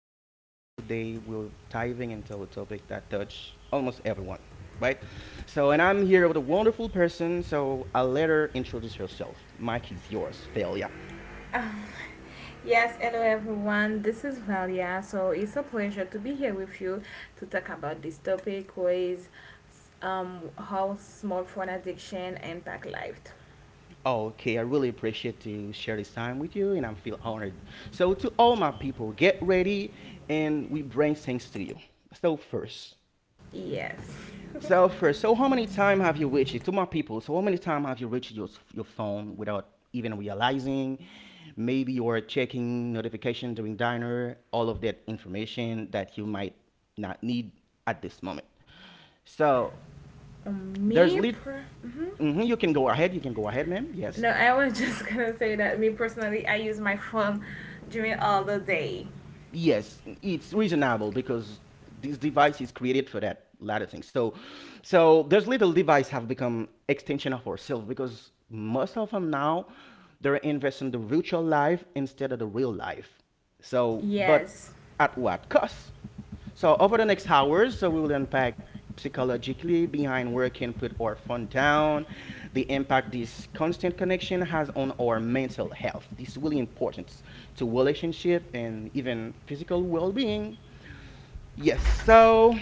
Hitterell, and today we're diving into a topic that touch almost everyone, right? So, and I'm here with a wonderful person. So, I'll let her introduce herself. Mike is yours, Failure. Um, yes, hello everyone. This is Valia. So it's a pleasure to be here with you to talk about this topic, which is how small phone addiction impact life. Oh, okay, I really appreciate to share this time with you, and I feel honored. So, to all my people, get ready, and we bring things to you. So first, Yes. So how many time have you reached it? To my people, so how many time have you reached your phone without even realizing? Maybe you are checking notification during dinner, all of that information that you might not need at this moment. So there's Me. lit. Per- Mhm, you can go ahead. You can go ahead, ma'am. Yes. no, I was just gonna say that me personally, I use my phone during all the day. Yes, it's reasonable because this device is created for that latter thing. So, so those little devices have become extension of ourselves because most of them now they're investing the virtual life instead of the real life. So, but Yes. at what cost? So over the next hours, so we will unpack psychologically behind where can put our phone down, the impact this constant connection has on our mental health. This is really important to relationship and even physical well-being. Yes, so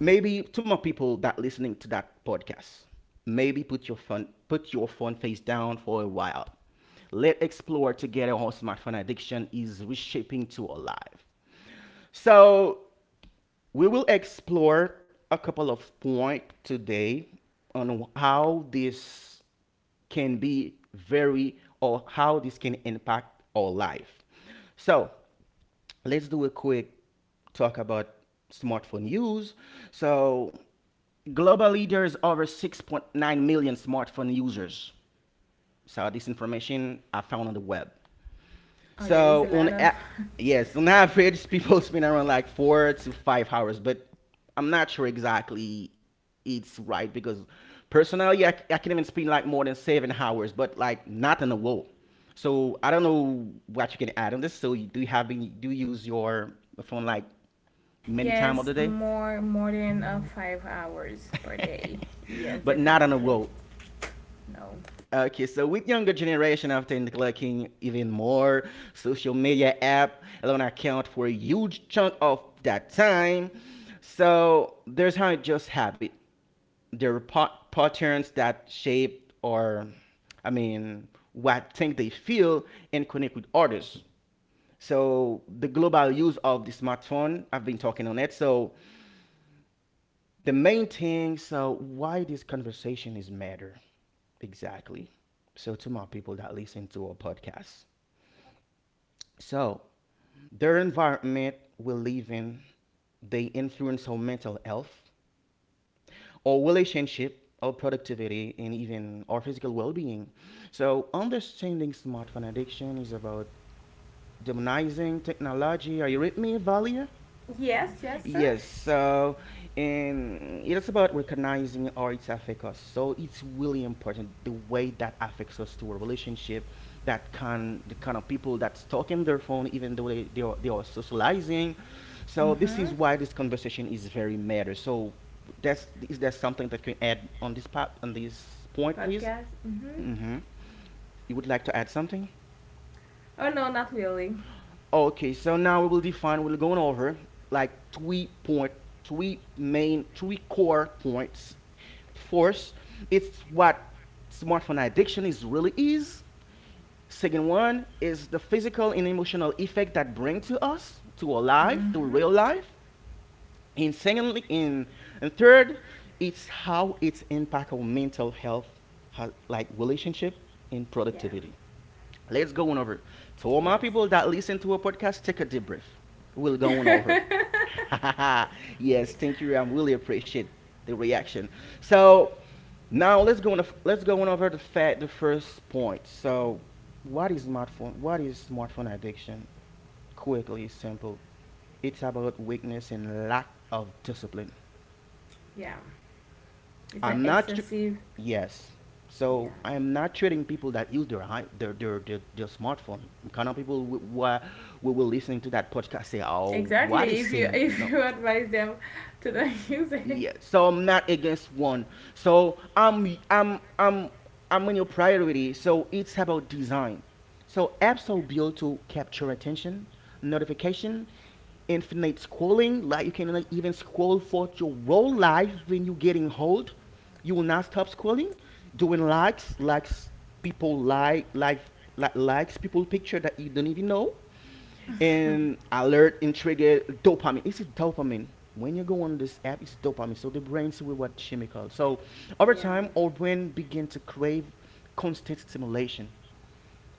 maybe to more people that listening to that podcast, maybe put your phone face down for a while. Let's explore together how smartphone addiction is reshaping to our life. So we will explore a couple of points today on how this can be very or how this can impact our life. So let's do a quick talk about smartphone use. So globally, there's over 6.9 million smartphone users. So this information I found on the web. Oh, there is So a on lot of a- yes, on average, people spend around like 4 to 5 hours, but I'm not sure exactly it's right because personally, I can even spend like more than 7 hours, but like not in a row. So I don't know what you can add on this. So you, do you use your phone like many time of yes, the day, more than 5 hours per day. Yes, but not on a definitely. row? No. Okay, so with younger generation after neglecting even more social media app alone account for a huge chunk of that time. So there's how it just habit. There are patterns that shape or I mean what think they feel and connect with others. So the global use of the smartphone, I've been talking on it. So the main thing, so why this conversation is matter. Exactly. So, to my people that listen to our podcast, so their environment we live in, they influence our mental health, our relationship, our productivity, and even our physical well-being. So, understanding smartphone addiction is about demonizing technology. Are you with me, Valia? Yes, yes, sir. Yes, so and it's about recognizing how it affects us. So it's really important the way that affects us to a relationship that can the kind of people that's talking their phone even though they are they are socializing. So this is why this conversation is very matter. So that's is there something that you can add on this part on this point please? Podcast. Mm-hmm. Mm-hmm. You would like to add something? Oh no, not really. Okay, so now we will define, we're going over like three point, three main, three core points. First, it's what smartphone addiction is really is. Second one is the physical and emotional effect that bring to us, to our life, to Mm-hmm. real life. And secondly, in and third, it's how it's impact our mental health, like relationship and Yeah. productivity. Let's go on over. To all my Yes. people that listen to a podcast, take a deep breath. We'll go on over. Yes, thank you. I really appreciate the reaction. So now let's go on. Let's go on over the fact, the first point. So, what is smartphone? What is smartphone addiction? Quickly, simple. It's about weakness and lack of discipline. Yeah. It's an I'm not. Tr- excessive. Yes. Yeah. So I am not treating people that use their their smartphone. I'm kind of people who will listening to that podcast say, "Oh, what Exactly. is If you selling?" if No. you advise them to not use it. Yeah. So I'm not against one. So I'm in your priority. So it's about design. So apps are built to capture attention, notification, infinite scrolling. Like you can like, even scroll for your whole life when you're getting old. You will not stop scrolling, doing likes, likes people like likes people picture that you don't even know, and alert and trigger dopamine. It's a dopamine. When you go on this app, it's dopamine. So the brain see what chemical. So over Yeah. time, our brain begin to crave constant stimulation.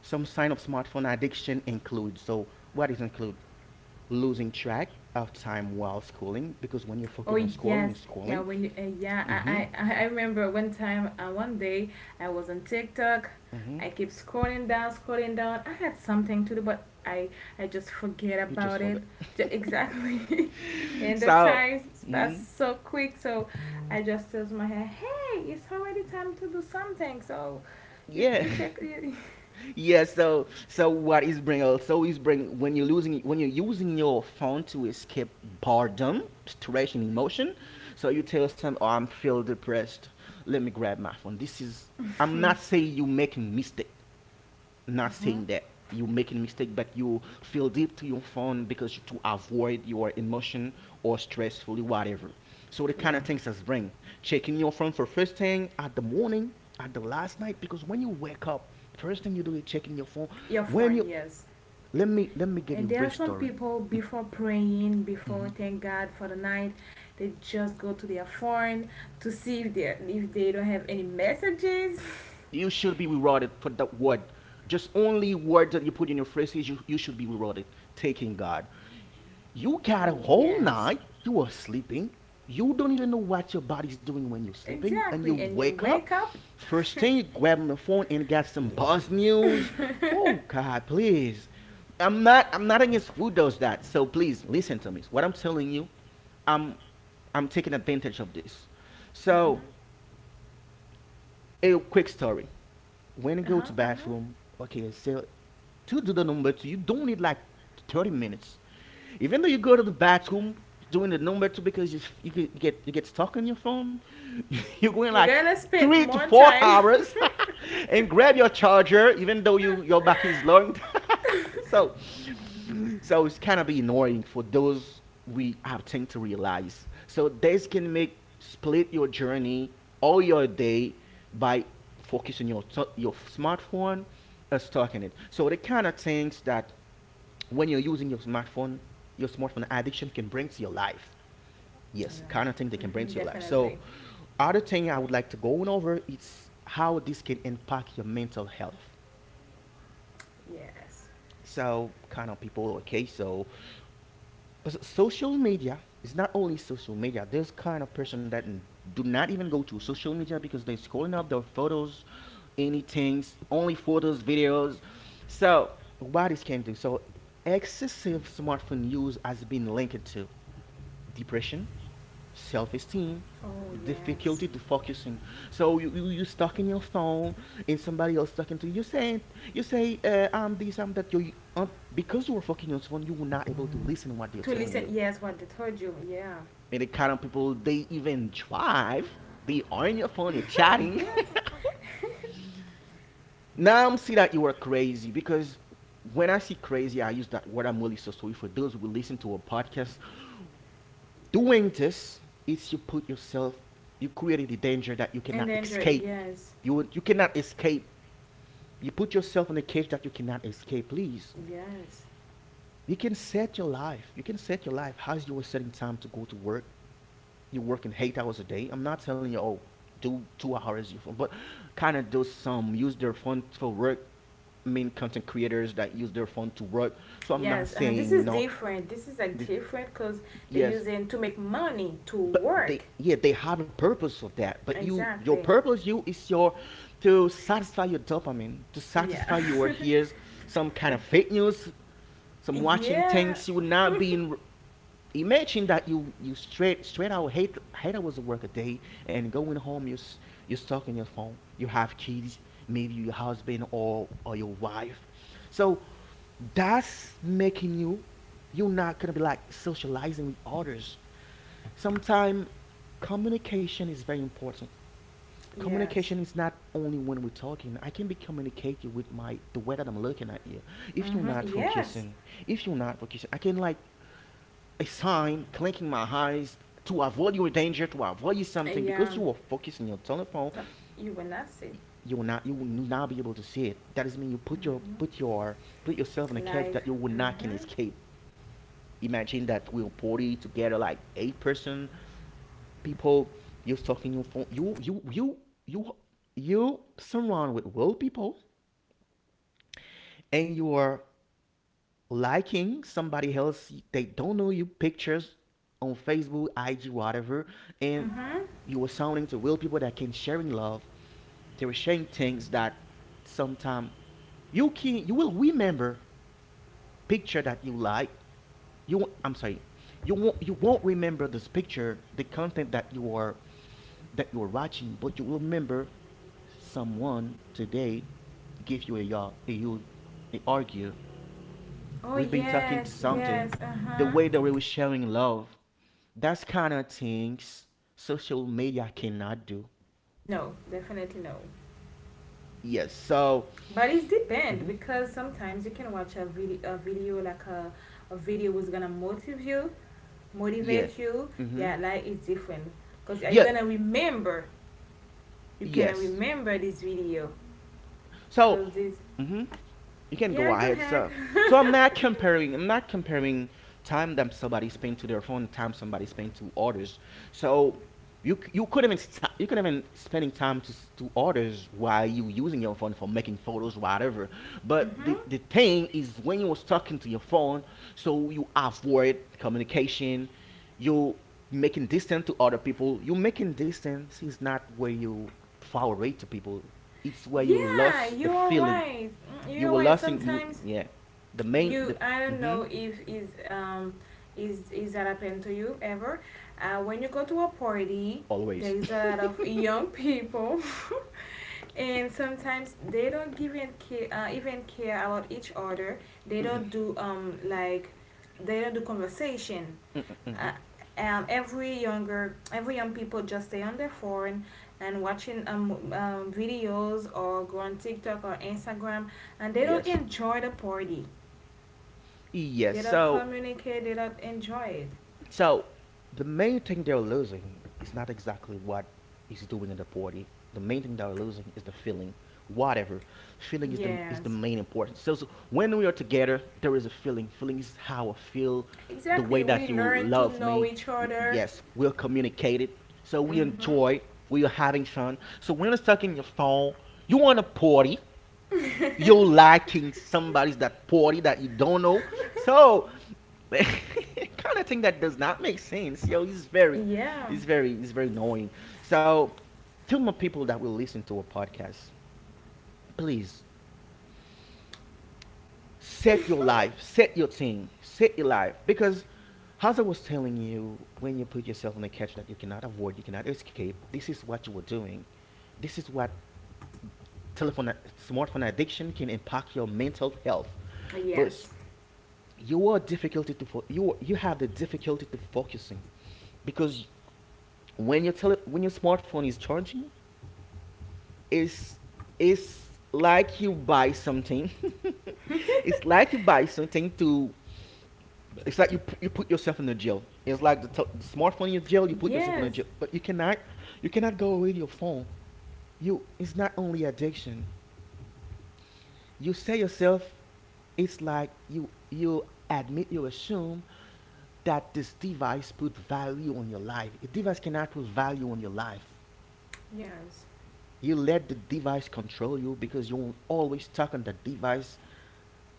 Some signs of smartphone addiction include so what is include losing track of time while scrolling because when you Oh focus on scrolling, yes, yeah. scrolling. When you, yeah, Mm-hmm. I remember one time, one day, I was on TikTok. Mm-hmm. I keep scrolling down, scrolling down. I had something to do, but I just forget You just about it. forget. Exactly, and the So, time mhm. passed so quick. So I just tells my head. Hey, it's already time to do something. So you Yeah, you take you, yeah. So, so what is bring also is bring when you're losing when you're using your phone to escape boredom, stress, and emotion. So you tell yourself, "Oh, I'm feel depressed. Let me grab my phone." This is I'm not saying you making mistake. Not Mhm. saying that you making a mistake, but you feel deep to your phone because to avoid your emotion or stressful whatever. So the kind Yeah, of things that's bring checking your phone for first thing at the morning, at the last night, because when you wake up, first thing you do is checking your phone. your When phone, you yes. let me give you And a there are brief some story. people before praying, before Mm-hmm. thank God for the night, they just go to their phone to see if they don't have any messages. You should be rewarded for that word. Just only word that you put in your phrases, you should be rewarded. Taking God. You got a whole Yes, night. You are sleeping. You don't even know what your body's doing when you're sleeping, and you exactly. And you wake up. wake up. First thing you grab on the phone and got some buzz Uh news. huh. Oh God, please. I'm not against who does that. So please listen to me. What I'm telling you, I'm. I'm taking advantage of this. So a quick story. When you Uh go huh. to bathroom, okay, so to do the number two, you don't need like 30 minutes. Even though you go to the bathroom doing the number two because you get stuck on your phone, you're going You're like gonna spend three to more four time. hours and grab your charger even though your battery is low so so it's kind of be annoying for those we have time to realize. So this can make split your journey or your day by focusing your your smartphone as talking it. So the kind of things that when you're using your smartphone addiction can bring to your life. Yes, kind of thing they can bring Hmm, to your life. So definitely. other thing I would like to go on over is how this can impact your mental health. Yes. So kind of people okay so but social media is not only social media. There's kind of person that do not even go to social media because they're scrolling up their photos, anything, only photos, videos. So what this can do? So excessive smartphone use has been linked to depression, self-esteem, Oh yes. difficulty to focusing. So you stuck in your phone, and somebody else talking to you. You say I'm this I'm that. Because you were fucking your phone, you were not able to listen what they're To telling listen. you Yes, what they told you. Yeah. and the kind of people they even drive, they are on your phone, you're chatting. yes. Now I'm see that you are crazy because when I see crazy, I use that word. I'm really so sorry for those who listen to a podcast. Doing this is you put yourself, you created the danger that you cannot And enjoy. escape. Yes. You cannot escape. You put yourself in a cage that you cannot escape. Please, Yes. you can set your life. You can set your life as you were setting time to go to work. You're working 8 hours a day. I'm not telling you, oh, do 2 hours your phone, but kind of do some use their phone for work. I mean, content creators that use their phone to work. So I'm not Yes, this saying is not different. This is like this. different because they Yes, using to make money to but they work. yeah they have a purpose of that. But your Exactly. purpose you is your to satisfy your dopamine, to Yeah. satisfy your, here's some kind of fake news, some watching yeah. things you would not be in. Imagine that you straight out hate hours of work a day, and going home, you're stuck in your phone. You have kids, maybe your husband or your wife, so that's making you. You're not gonna be like socializing with others. Sometimes communication is very important. Yes. Communication is not only when we're talking. I can be communicating with my the way that I'm looking at you. If you're Mhm. not Yes. focusing, I can like a sign clinking my eyes to avoid your danger, to avoid you something, because Yeah. you are focusing your telephone, So you will not see. You will not be able to see it. That doesn't mean you put yourself in a Mm. cage Live. that you will not can Mhm. escape. Imagine that we'll party together like eight-person people. You're talking your phone. You you surround with world people, and you are liking somebody else. They don't know you pictures on Facebook, IG, whatever, and Mhm. you were sounding to real people that can sharing love. They were sharing things that sometime you will remember picture that you like. You I'm sorry. You won't remember this picture, the content that you are watching, but you will remember someone today give you a y'all a you, they argue. Oh We've been talking to yes. something, Yes. Uh the huh. way that we were sharing love. That's kind of things social media cannot do. No, definitely no. Yes. So, But it's depend mhm, because sometimes you can watch a video like a video who's gonna motivate you, yeah. motivate you, Mm-hmm. yeah, life is different because you're Yeah. gonna remember, you're gonna Yes. remember this video So. because this hmm you can go yeah go ahead. ahead So, I'm not comparing. I'm not comparing time that somebody spent to their phone, time somebody spent to others. So you could even spending time to others while you using your phone for making photos, whatever. But the hmm, the thing is when you was talking to your phone, so you avoid communication. You making distance to other people. You making distance is not where you far away to people. It's where you yeah lost the you're feeling. right. Mm, You you're will right lasting you, sometimes yeah. The main you, the I don't mm-hmm, know if is is that happened to you ever, when you go to a party there always. is a lot of young people and sometimes they don't give in care, even care about each other. They don't do like they don't do conversation. Mm-mm, Uh, mhm. Every young people just stay on their phone and watching videos or go on TikTok or Instagram, and they don't Yes. enjoy the party. Yes. They don't So communicate. They don't enjoy it. So the main thing they're losing is not exactly what is doing in the party. The main thing they're losing is the feeling. Whatever, feeling is the Yes, main importance. So, when we are together, there is a feeling. Feeling is how I feel, the exactly. way that We you learn to love know me. each other. Yes, we'll communicate it. So we Mhm. enjoy. We are having fun. So when you're stuck in your phone, you want a party. You're liking somebody that party that you don't know. So kind of thing that does not make sense. Yo, it's very, yeah. It's very annoying. So to my people that will listen to a podcast, please set your life, set your thing, set your life. Because as I was telling you, when you put yourself in a catch that you cannot avoid, you cannot escape, this is what you were doing. This is what telephone smartphone addiction can impact your mental health. But yes. you are difficulty to fo- you have the difficulty to focusing, because when your smartphone is charging, it's it's like you buy something. It's like you buy something to, it's like you put yourself in a jail. It's like the smartphone in your jail. You put yourself in a Yes. jail, but you cannot go away with your phone. You, it's not only addiction, you say yourself. It's like you admit, you assume that this device put value on your life. A device cannot put value on your life. Yes. You let the device control you, because you won't always stuck on the device,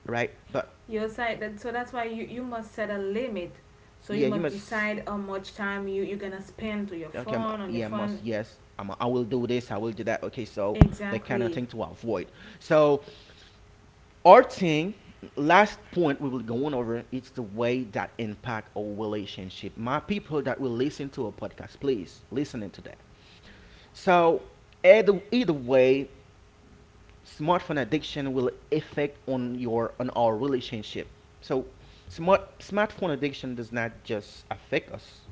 right? But Your side that so that's why you, you must set a limit. So you yeah, you must must. decide how much time you, you're gonna spend to your Okay, phone on your yeah, I must, phone. yes, I will do this, I will do that, okay, so that kind of Exactly. thing to avoid. So, our thing, last point we will go on over, it's the way that impact our relationship. My people that will listen to a podcast, please listen into that. So either way, smartphone addiction will affect on your on our relationship. So smartphone addiction does not just affect us,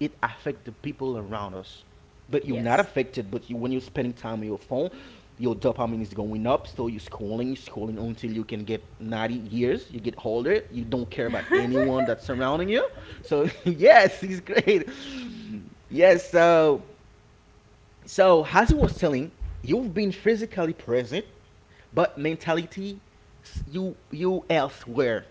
it affect the people around us. But you're not Yes. affected. But you, when you're spending time on your phone, your dopamine is going up. So you're scrolling, scrolling until you can get 90 years. You get older. You don't care about anyone that's surrounding you. So yes, it's great. Yes. So as he was telling, you've been physically present, but mentality you elsewhere.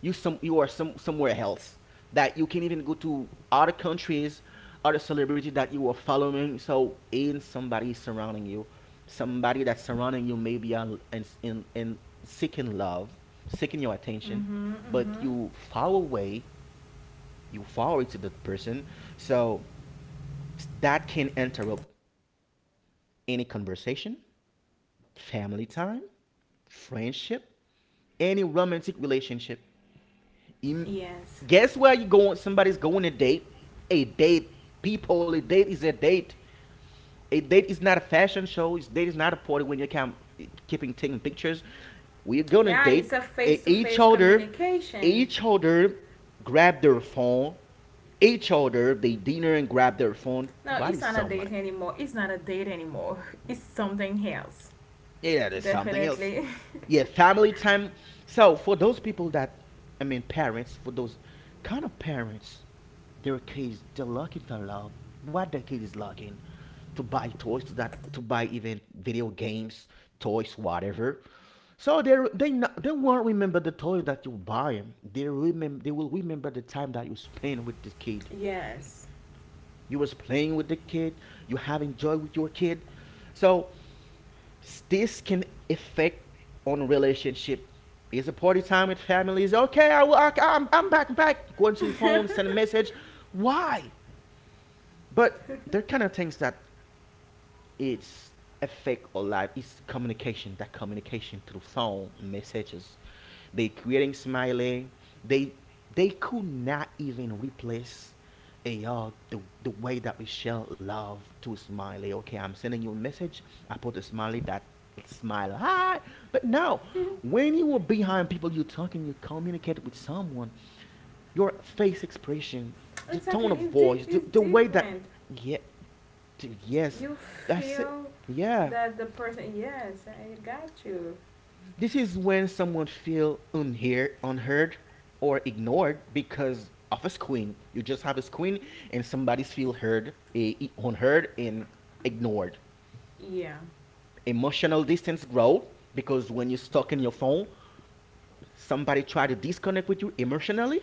You are somewhere else that you can even go to other countries, other celebrity that you are following. So in somebody surrounding you, somebody that's surrounding you maybe in seeking love, seeking your attention, Mm-hmm. Mm-hmm. but you far away, to that person. So that can interrupt any conversation, family time, friendship, any romantic relationship. Yes. Guess where you going? Somebody's going a date. A date, people. A date is a date. A date is not a fashion show. A date is not a party when you can keeping taking pictures. We're gonna Yeah, date, it's a face to each face other. communication. Each other grab their phone. Each other they dinner and grab their phone. No, What is it's not a sound like? date anymore. It's not a date anymore. It's something else. Yeah, there's something else. Definitely. Yeah, family time. So for those people that, I mean, parents, for those kind of parents, their kids, they're looking for love. What their kid is looking to buy toys to that to buy even video games, toys, whatever. So they won't remember the toys that you buy them. They will remember the time that you spend with the kid. Yes. You was playing with the kid. You having joy with your kid. So this can affect on relationship. Is a party time with families? Okay, I will. I'm back. Going to your phone, send a message. Why? But they're kind of things that it's effect on life is communication, that communication through phone messages, they creating smiley. They they could not even replace the way that we share love to smiley. Okay, I'm sending you a message, I put a smiley that smile hi. But no, when you are behind people you're talking, you communicate with someone. Your face expression, the Exactly. tone of voice, the, It's the way different. that, yeah. Yes, You that's it. feel Yeah. that the person, yes, I got you. This is when someone feel unhear, unheard or ignored because of a screen. You just have a screen and somebody's feel heard, unheard and ignored. Yeah. Emotional distance grow, because when you're stuck in your phone, somebody try to disconnect with you emotionally,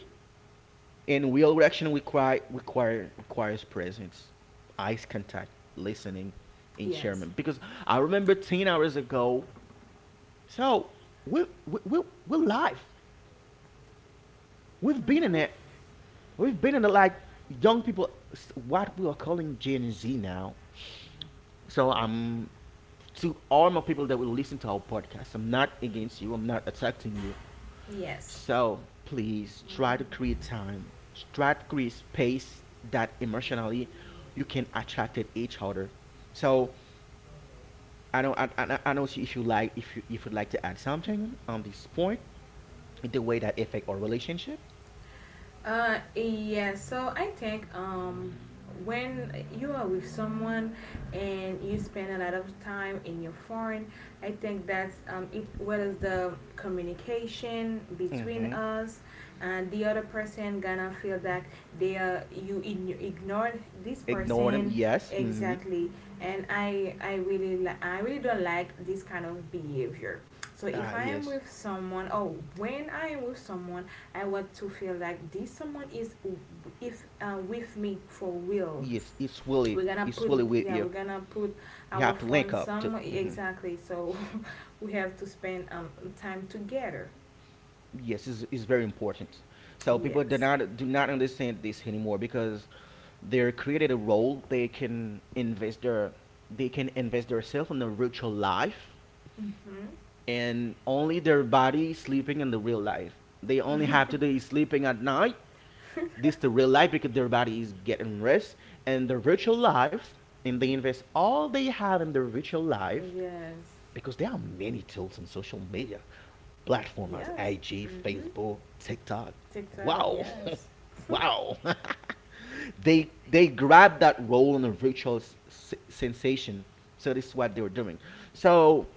and real reaction require, requires presence, eyes contact, listening and Yes. sharing. Because I remember 10 hours ago. So we we we we're live. We've been in it. Mm-hmm. We've been in it like young people, what we are calling Gen Z now. So I'm, to all my people that will listen to our podcast, I'm not against you. I'm not attacking you. Yes. So please try to create time. Try to create space that emotionally you can attract at each other. So I don't. I know if you like, if you'd like to add something on this point, the way that affect our relationship. Yeah, so I think when you are with someone and you spend a lot of time in your phone, I think that's it. What is the communication between Mm-hmm. us, and the other person gonna feel that they are you ignored this Ignore them. person Yes. Mm-hmm. exactly, and I really don't like this kind of behavior. So if Ah, I am yes. with someone, oh, when I am with someone I want to feel like this someone is if with me for real. Yes. We're gonna It's put really with yeah, you. we're gonna put You our have to link phone up to. somewhere Mm-hmm. exactly. So we have to spend time together. Yes, it's very important. So people Yes. Do not understand this anymore, because they're created a role. They can invest their, they can invest themselves in the virtual life, Mhm. and only their body sleeping in the real life. They only have to be sleeping at night, this the real life because their body is getting rest, and their virtual life, and they invest all they have in their virtual life, Yes. because there are many tools on social media platforms as Yes. IG, Mhm. Facebook, TikTok. TikTok. Wow. Yes. Wow. They grab that role in a virtual sensation. So this is what they were doing. So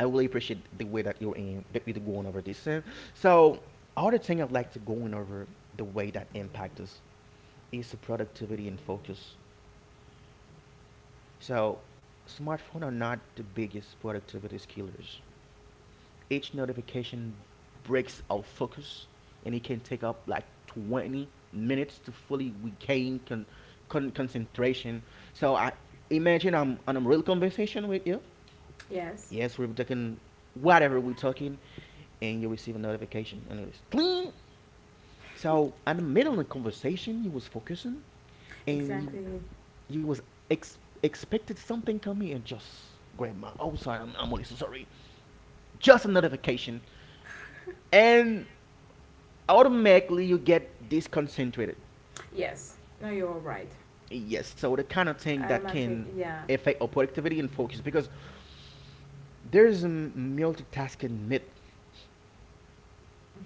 I really appreciate the way that you're in that we're going over this thing. So other thing I'd like to go in over, the way that impact us, is productivity and focus. So smartphones are not the biggest productivity killers. Each notification breaks our focus, and it can take up like 20 minutes to fully regain concentration. So I imagine I'm on a real conversation with you. yes. Yes, we're talking, whatever we're talking, and you receive a notification, and it's clean. So, in the middle of the conversation, you was focusing, and you. Exactly. You was expected something from me and just grabbed my. Oh, sorry, I'm really so sorry. Just a notification, and automatically you get disconcentrated. Yes. No, you're right. Yes, so the kind of thing that Automatically. can Yeah. affect our productivity and focus, because there's a multitasking myth,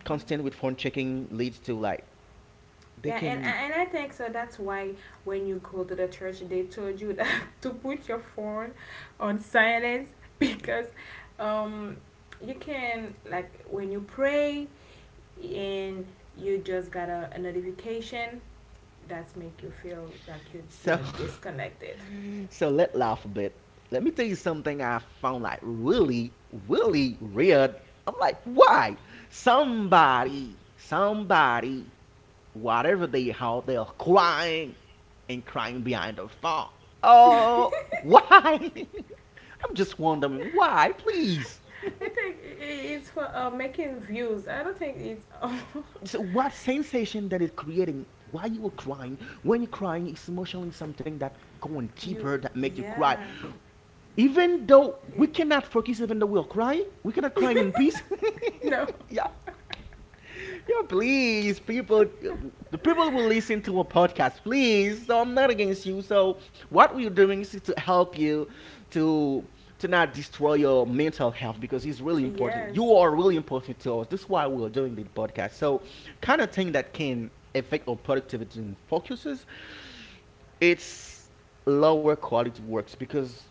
constant with phone checking leads to, like, they Yeah, can. and I think so. That's why when you go to the church, they told you that to put your phone on silence because um, you can like when you pray and you just got a notification that's make you feel like you So you're disconnected. so let's laugh a bit. Let me tell you something I found like really, really weird. I'm like, why? Somebody, whatever they have, they're crying and crying behind their phone. Oh, why? I'm just wondering why, please. I think it's for making views. I don't think it's So what sensation that is creating? Why you were crying? When you're crying, it's emotionally something that going you. deeper that make you cry. Yeah. Even though we It, cannot focus, even though we're crying, we cannot crying in peace. no. Yeah. Yeah, please, people. The people will listen to a podcast, please. So I'm not against you. So what we're doing is to help you to not destroy your mental health because it's really important. Yes. You are really important to us. This is why we're doing the podcast. So kind of thing that can affect our productivity and focuses, it's lower quality works because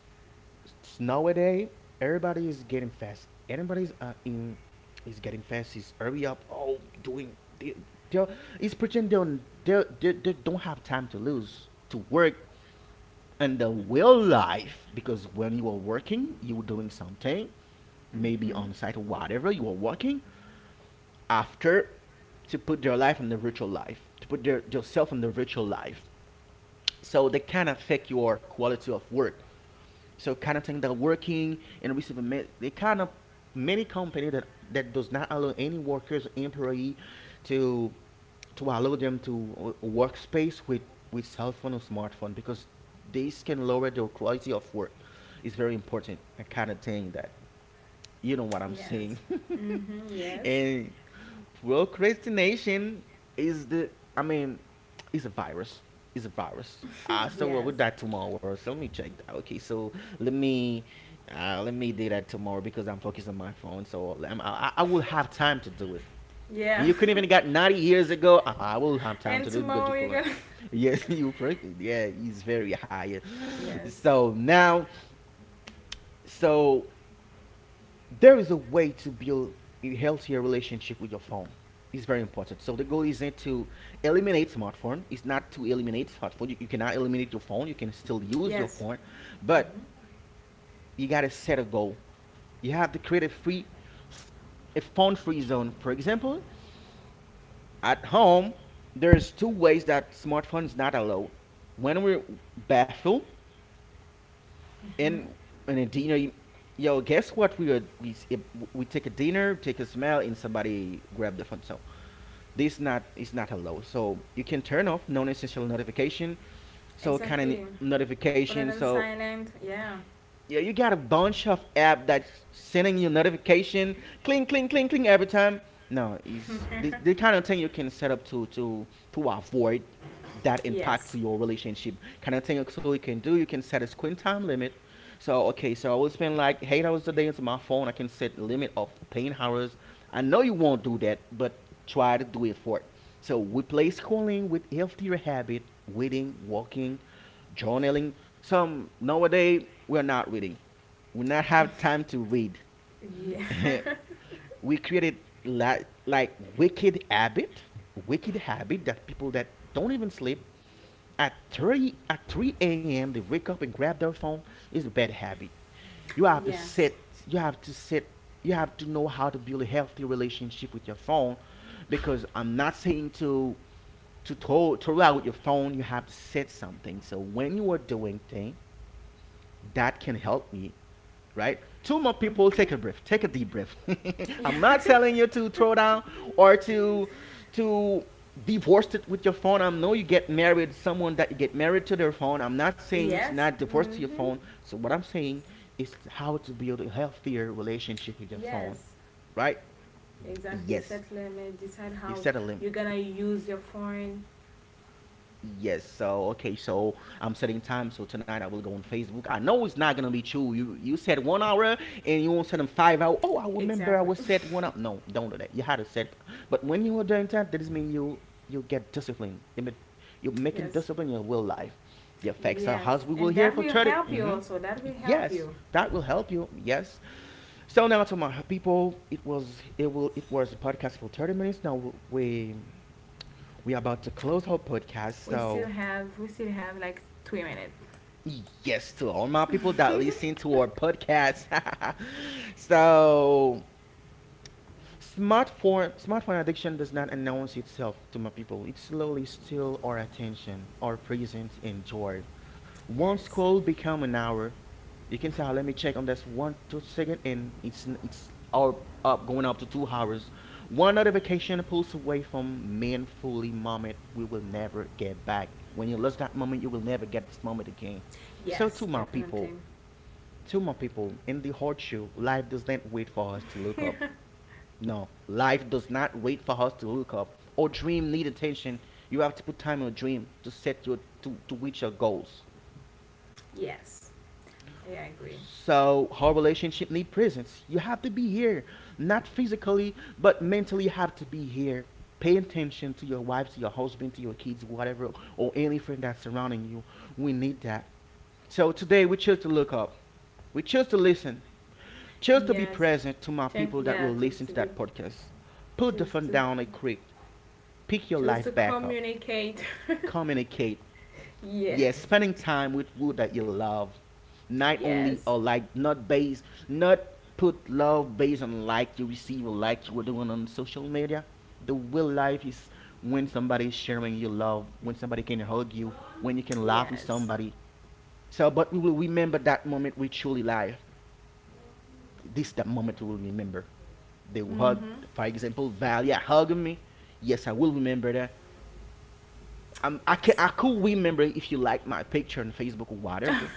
nowadays everybody is getting fast. Everybody's in is getting fast. Is hurry up. Oh, doing they they is pretend they they don't have time to lose to work in the real life because when you are working, you are doing something, maybe Mm-hmm. on site or whatever you are working. After to put their life in the virtual life, to put their self in the virtual life. So they can affect your quality of work. So kind of thing that working and receive a they kind of many company that does not allow any workers employee to allow them to workspace with cell phone or smartphone because this can lower their quality of work. It's very important. A kind of thing that you know what I'm Yes. saying. Mm-hmm. Yes. And procrastination is I mean, it's a virus. It's a virus. Ah, so well, yes. we'll do that tomorrow. So let me check that. Okay, so let me, let me do that tomorrow because I'm focused on my phone. So I'm, I will have time to do it. Yeah. You couldn't even got 90 years ago. I will have time And to do it because tomorrow you you're couldn't. gonna. Yes, you. Yeah, he's very high. Yes. So now, so there is a way to build a healthier relationship with your phone. It's very important. So the goal isn't to eliminate smartphone. It's not to eliminate smartphone. You cannot eliminate your phone. You can still use your Yes. phone, but Mm-hmm. you gotta set a goal. You have to create a free, a phone-free zone. For example, at home, there's two ways that smartphones not allowed. When we're bathroom Mm-hmm. and a dinner. You- Yo, guess what? We would we if we take a dinner, take a smell, and somebody grab the phone. So this not is not allowed. So you can turn off non-essential notification. So kind of Exactly. Rather notification. than So silent. Yeah. yeah, you got a bunch of app that's sending you notification, cling, cling, cling, cling every time. No, it's the kind of thing you can set up to avoid that impact Yes. to your relationship. Kind of thing so you can do, you can set a screen time limit. So okay, so I will spend like 8 hours a day into my phone. I can set a limit of 10 hours. I know you won't do that, but try to do it for it. So replace calling with healthier habit, reading, walking, journaling. Some nowadays we're not reading. We not have time to read. Yeah. We created li- like wicked habit that people that don't even sleep at 3 a.m. they wake up and grab their phone is a bad habit. You have to yes. set. You have to set. You have to know how to build a healthy relationship with your phone, because I'm not saying to throw, throw out your phone, you have to set something. So when you are doing thing, that can help me, right? Two more people, Mm-hmm. take a breath, take a deep breath. I'm Yeah. not telling you to throw down or to to divorce it with your phone. I know you get married, someone that you get married to their phone. I'm not saying to Yes. not divorce to your Mm-hmm. phone. So what I'm saying is how to build a healthier relationship with your phone, Yes. right? Exactly. Yes, Set limit. Decide you how set a limit. you're gonna use your phone. Yes. So okay. So I'm setting time. So tonight I will go on Facebook. I know it's not gonna be true. You said 1 hour and you won't set them 5 hour. Oh, I remember I Exactly. was set 1 hour. No, don't do that. You had to set. But when you are doing that, that doesn't mean you get discipline. I mean, you're making Yes. discipline in your real life. Your facts are Yes. house. We will And hear that for will 30. help you Mm-hmm. also. That will help Yes, you. that will help you. Yes. So now to my people, it was a podcast for 30 minutes. Now we are about to close our podcast. We still So have we still have like 3 minutes. yes, to all my people that listen to our podcast. So, smartphone addiction does not announce itself to my people. It slowly steals our attention, our presence, and joy. One Yes. scroll become an hour. You can say, "Ah, let me check on this one, 2 second, and it's all up going up to 2 hours." One notification pulls away from meaningfully moment we will never get back. When you lose that moment, you will never get this moment again. So, to Yes, my people, definitely. two more people in the horseshoe. Life does not wait for us to look up. No, life does not wait for us to look up. Our dream need attention. You have to put time in your dream to set your to reach your goals. Yes. I agree. So our relationship need presence. You have to be here, not physically, but mentally. You have to be here. Pay attention to your wife, to your husband, to your kids, whatever, or any friend that's surrounding you. We need that. So today we choose to look up. We choose to listen. Just to be Yes, present to my just, people that yeah, will just listen to to be that podcast. Put the just phone to down a creek. Pick your just life to back up. communicate. Communicate. Yes, Yes, spending time with who that you love. Not only or yes. like not based not put love based on like you receive or like you were doing on social media. The real life is when somebody is sharing your love, when somebody can hug you, when you can laugh with Yes. somebody. So but we will remember that moment we truly live. This that moment we will remember. They will hug. Mhm. For example, Valia hugged me. Yes, I will remember that. I can Yes. I could remember if you like my picture on Facebook or whatever.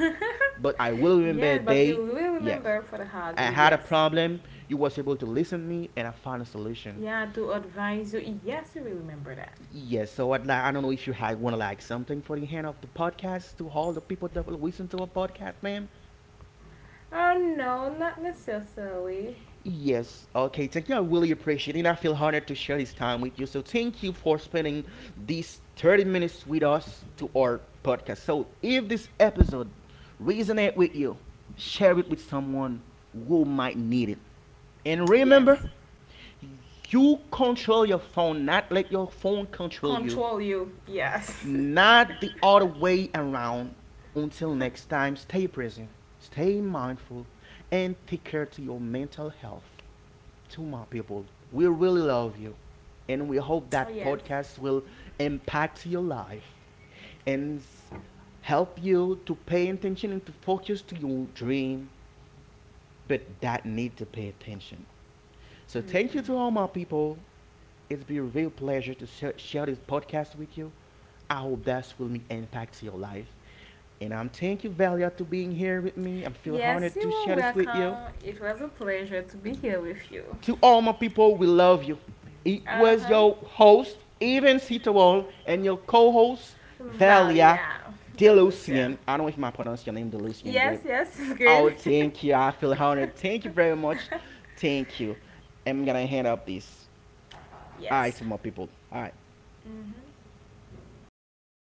But I will remember a Yes. But you day. will Yes, remember for the hug. I had a Yes, problem. You was able to listen to me, and I found a solution. yeah. To advise you. Yes, you will remember that. Yes, so I'd like, I don't know if you had want to like something for the hand of the podcast to all the people that will listen to a podcast, man. Oh no, not necessarily. Yes, okay, thank you. I really appreciate it. I feel honored to share this time with you. So, thank you for spending these 30 minutes with us to our podcast. So, if this episode resonate with you, share it with someone who might need it. And Yes, remember, you control your phone, not let your phone control you, control you. Yes, not the other way around. Until next time, stay present, stay mindful, and take care to your mental health to my people. We really love you. And we hope oh that yes. podcast will impact your life and help you to pay attention and to focus to your dream, but that need to pay attention. So thank you Mhm. to all my people. It's been a real pleasure to share this podcast with you. I hope that will impact your life. And I'm thank you, Valia, to being here with me. I feel Yes, honored you to are share this with you. welcome. It was a pleasure to be here with you. To all my people, we love you. It Uh was huh. your host, Evan Sitowol, and your co host, Valia Valia, the Lucia. Delusian. I don't know if I pronounced your name Delusian Yes, great. yes, Oh, good. thank you. I feel honored. Thank you very much. Thank you. I'm going to hand up this. All right, Yes. to my people. All right. Mm-hmm.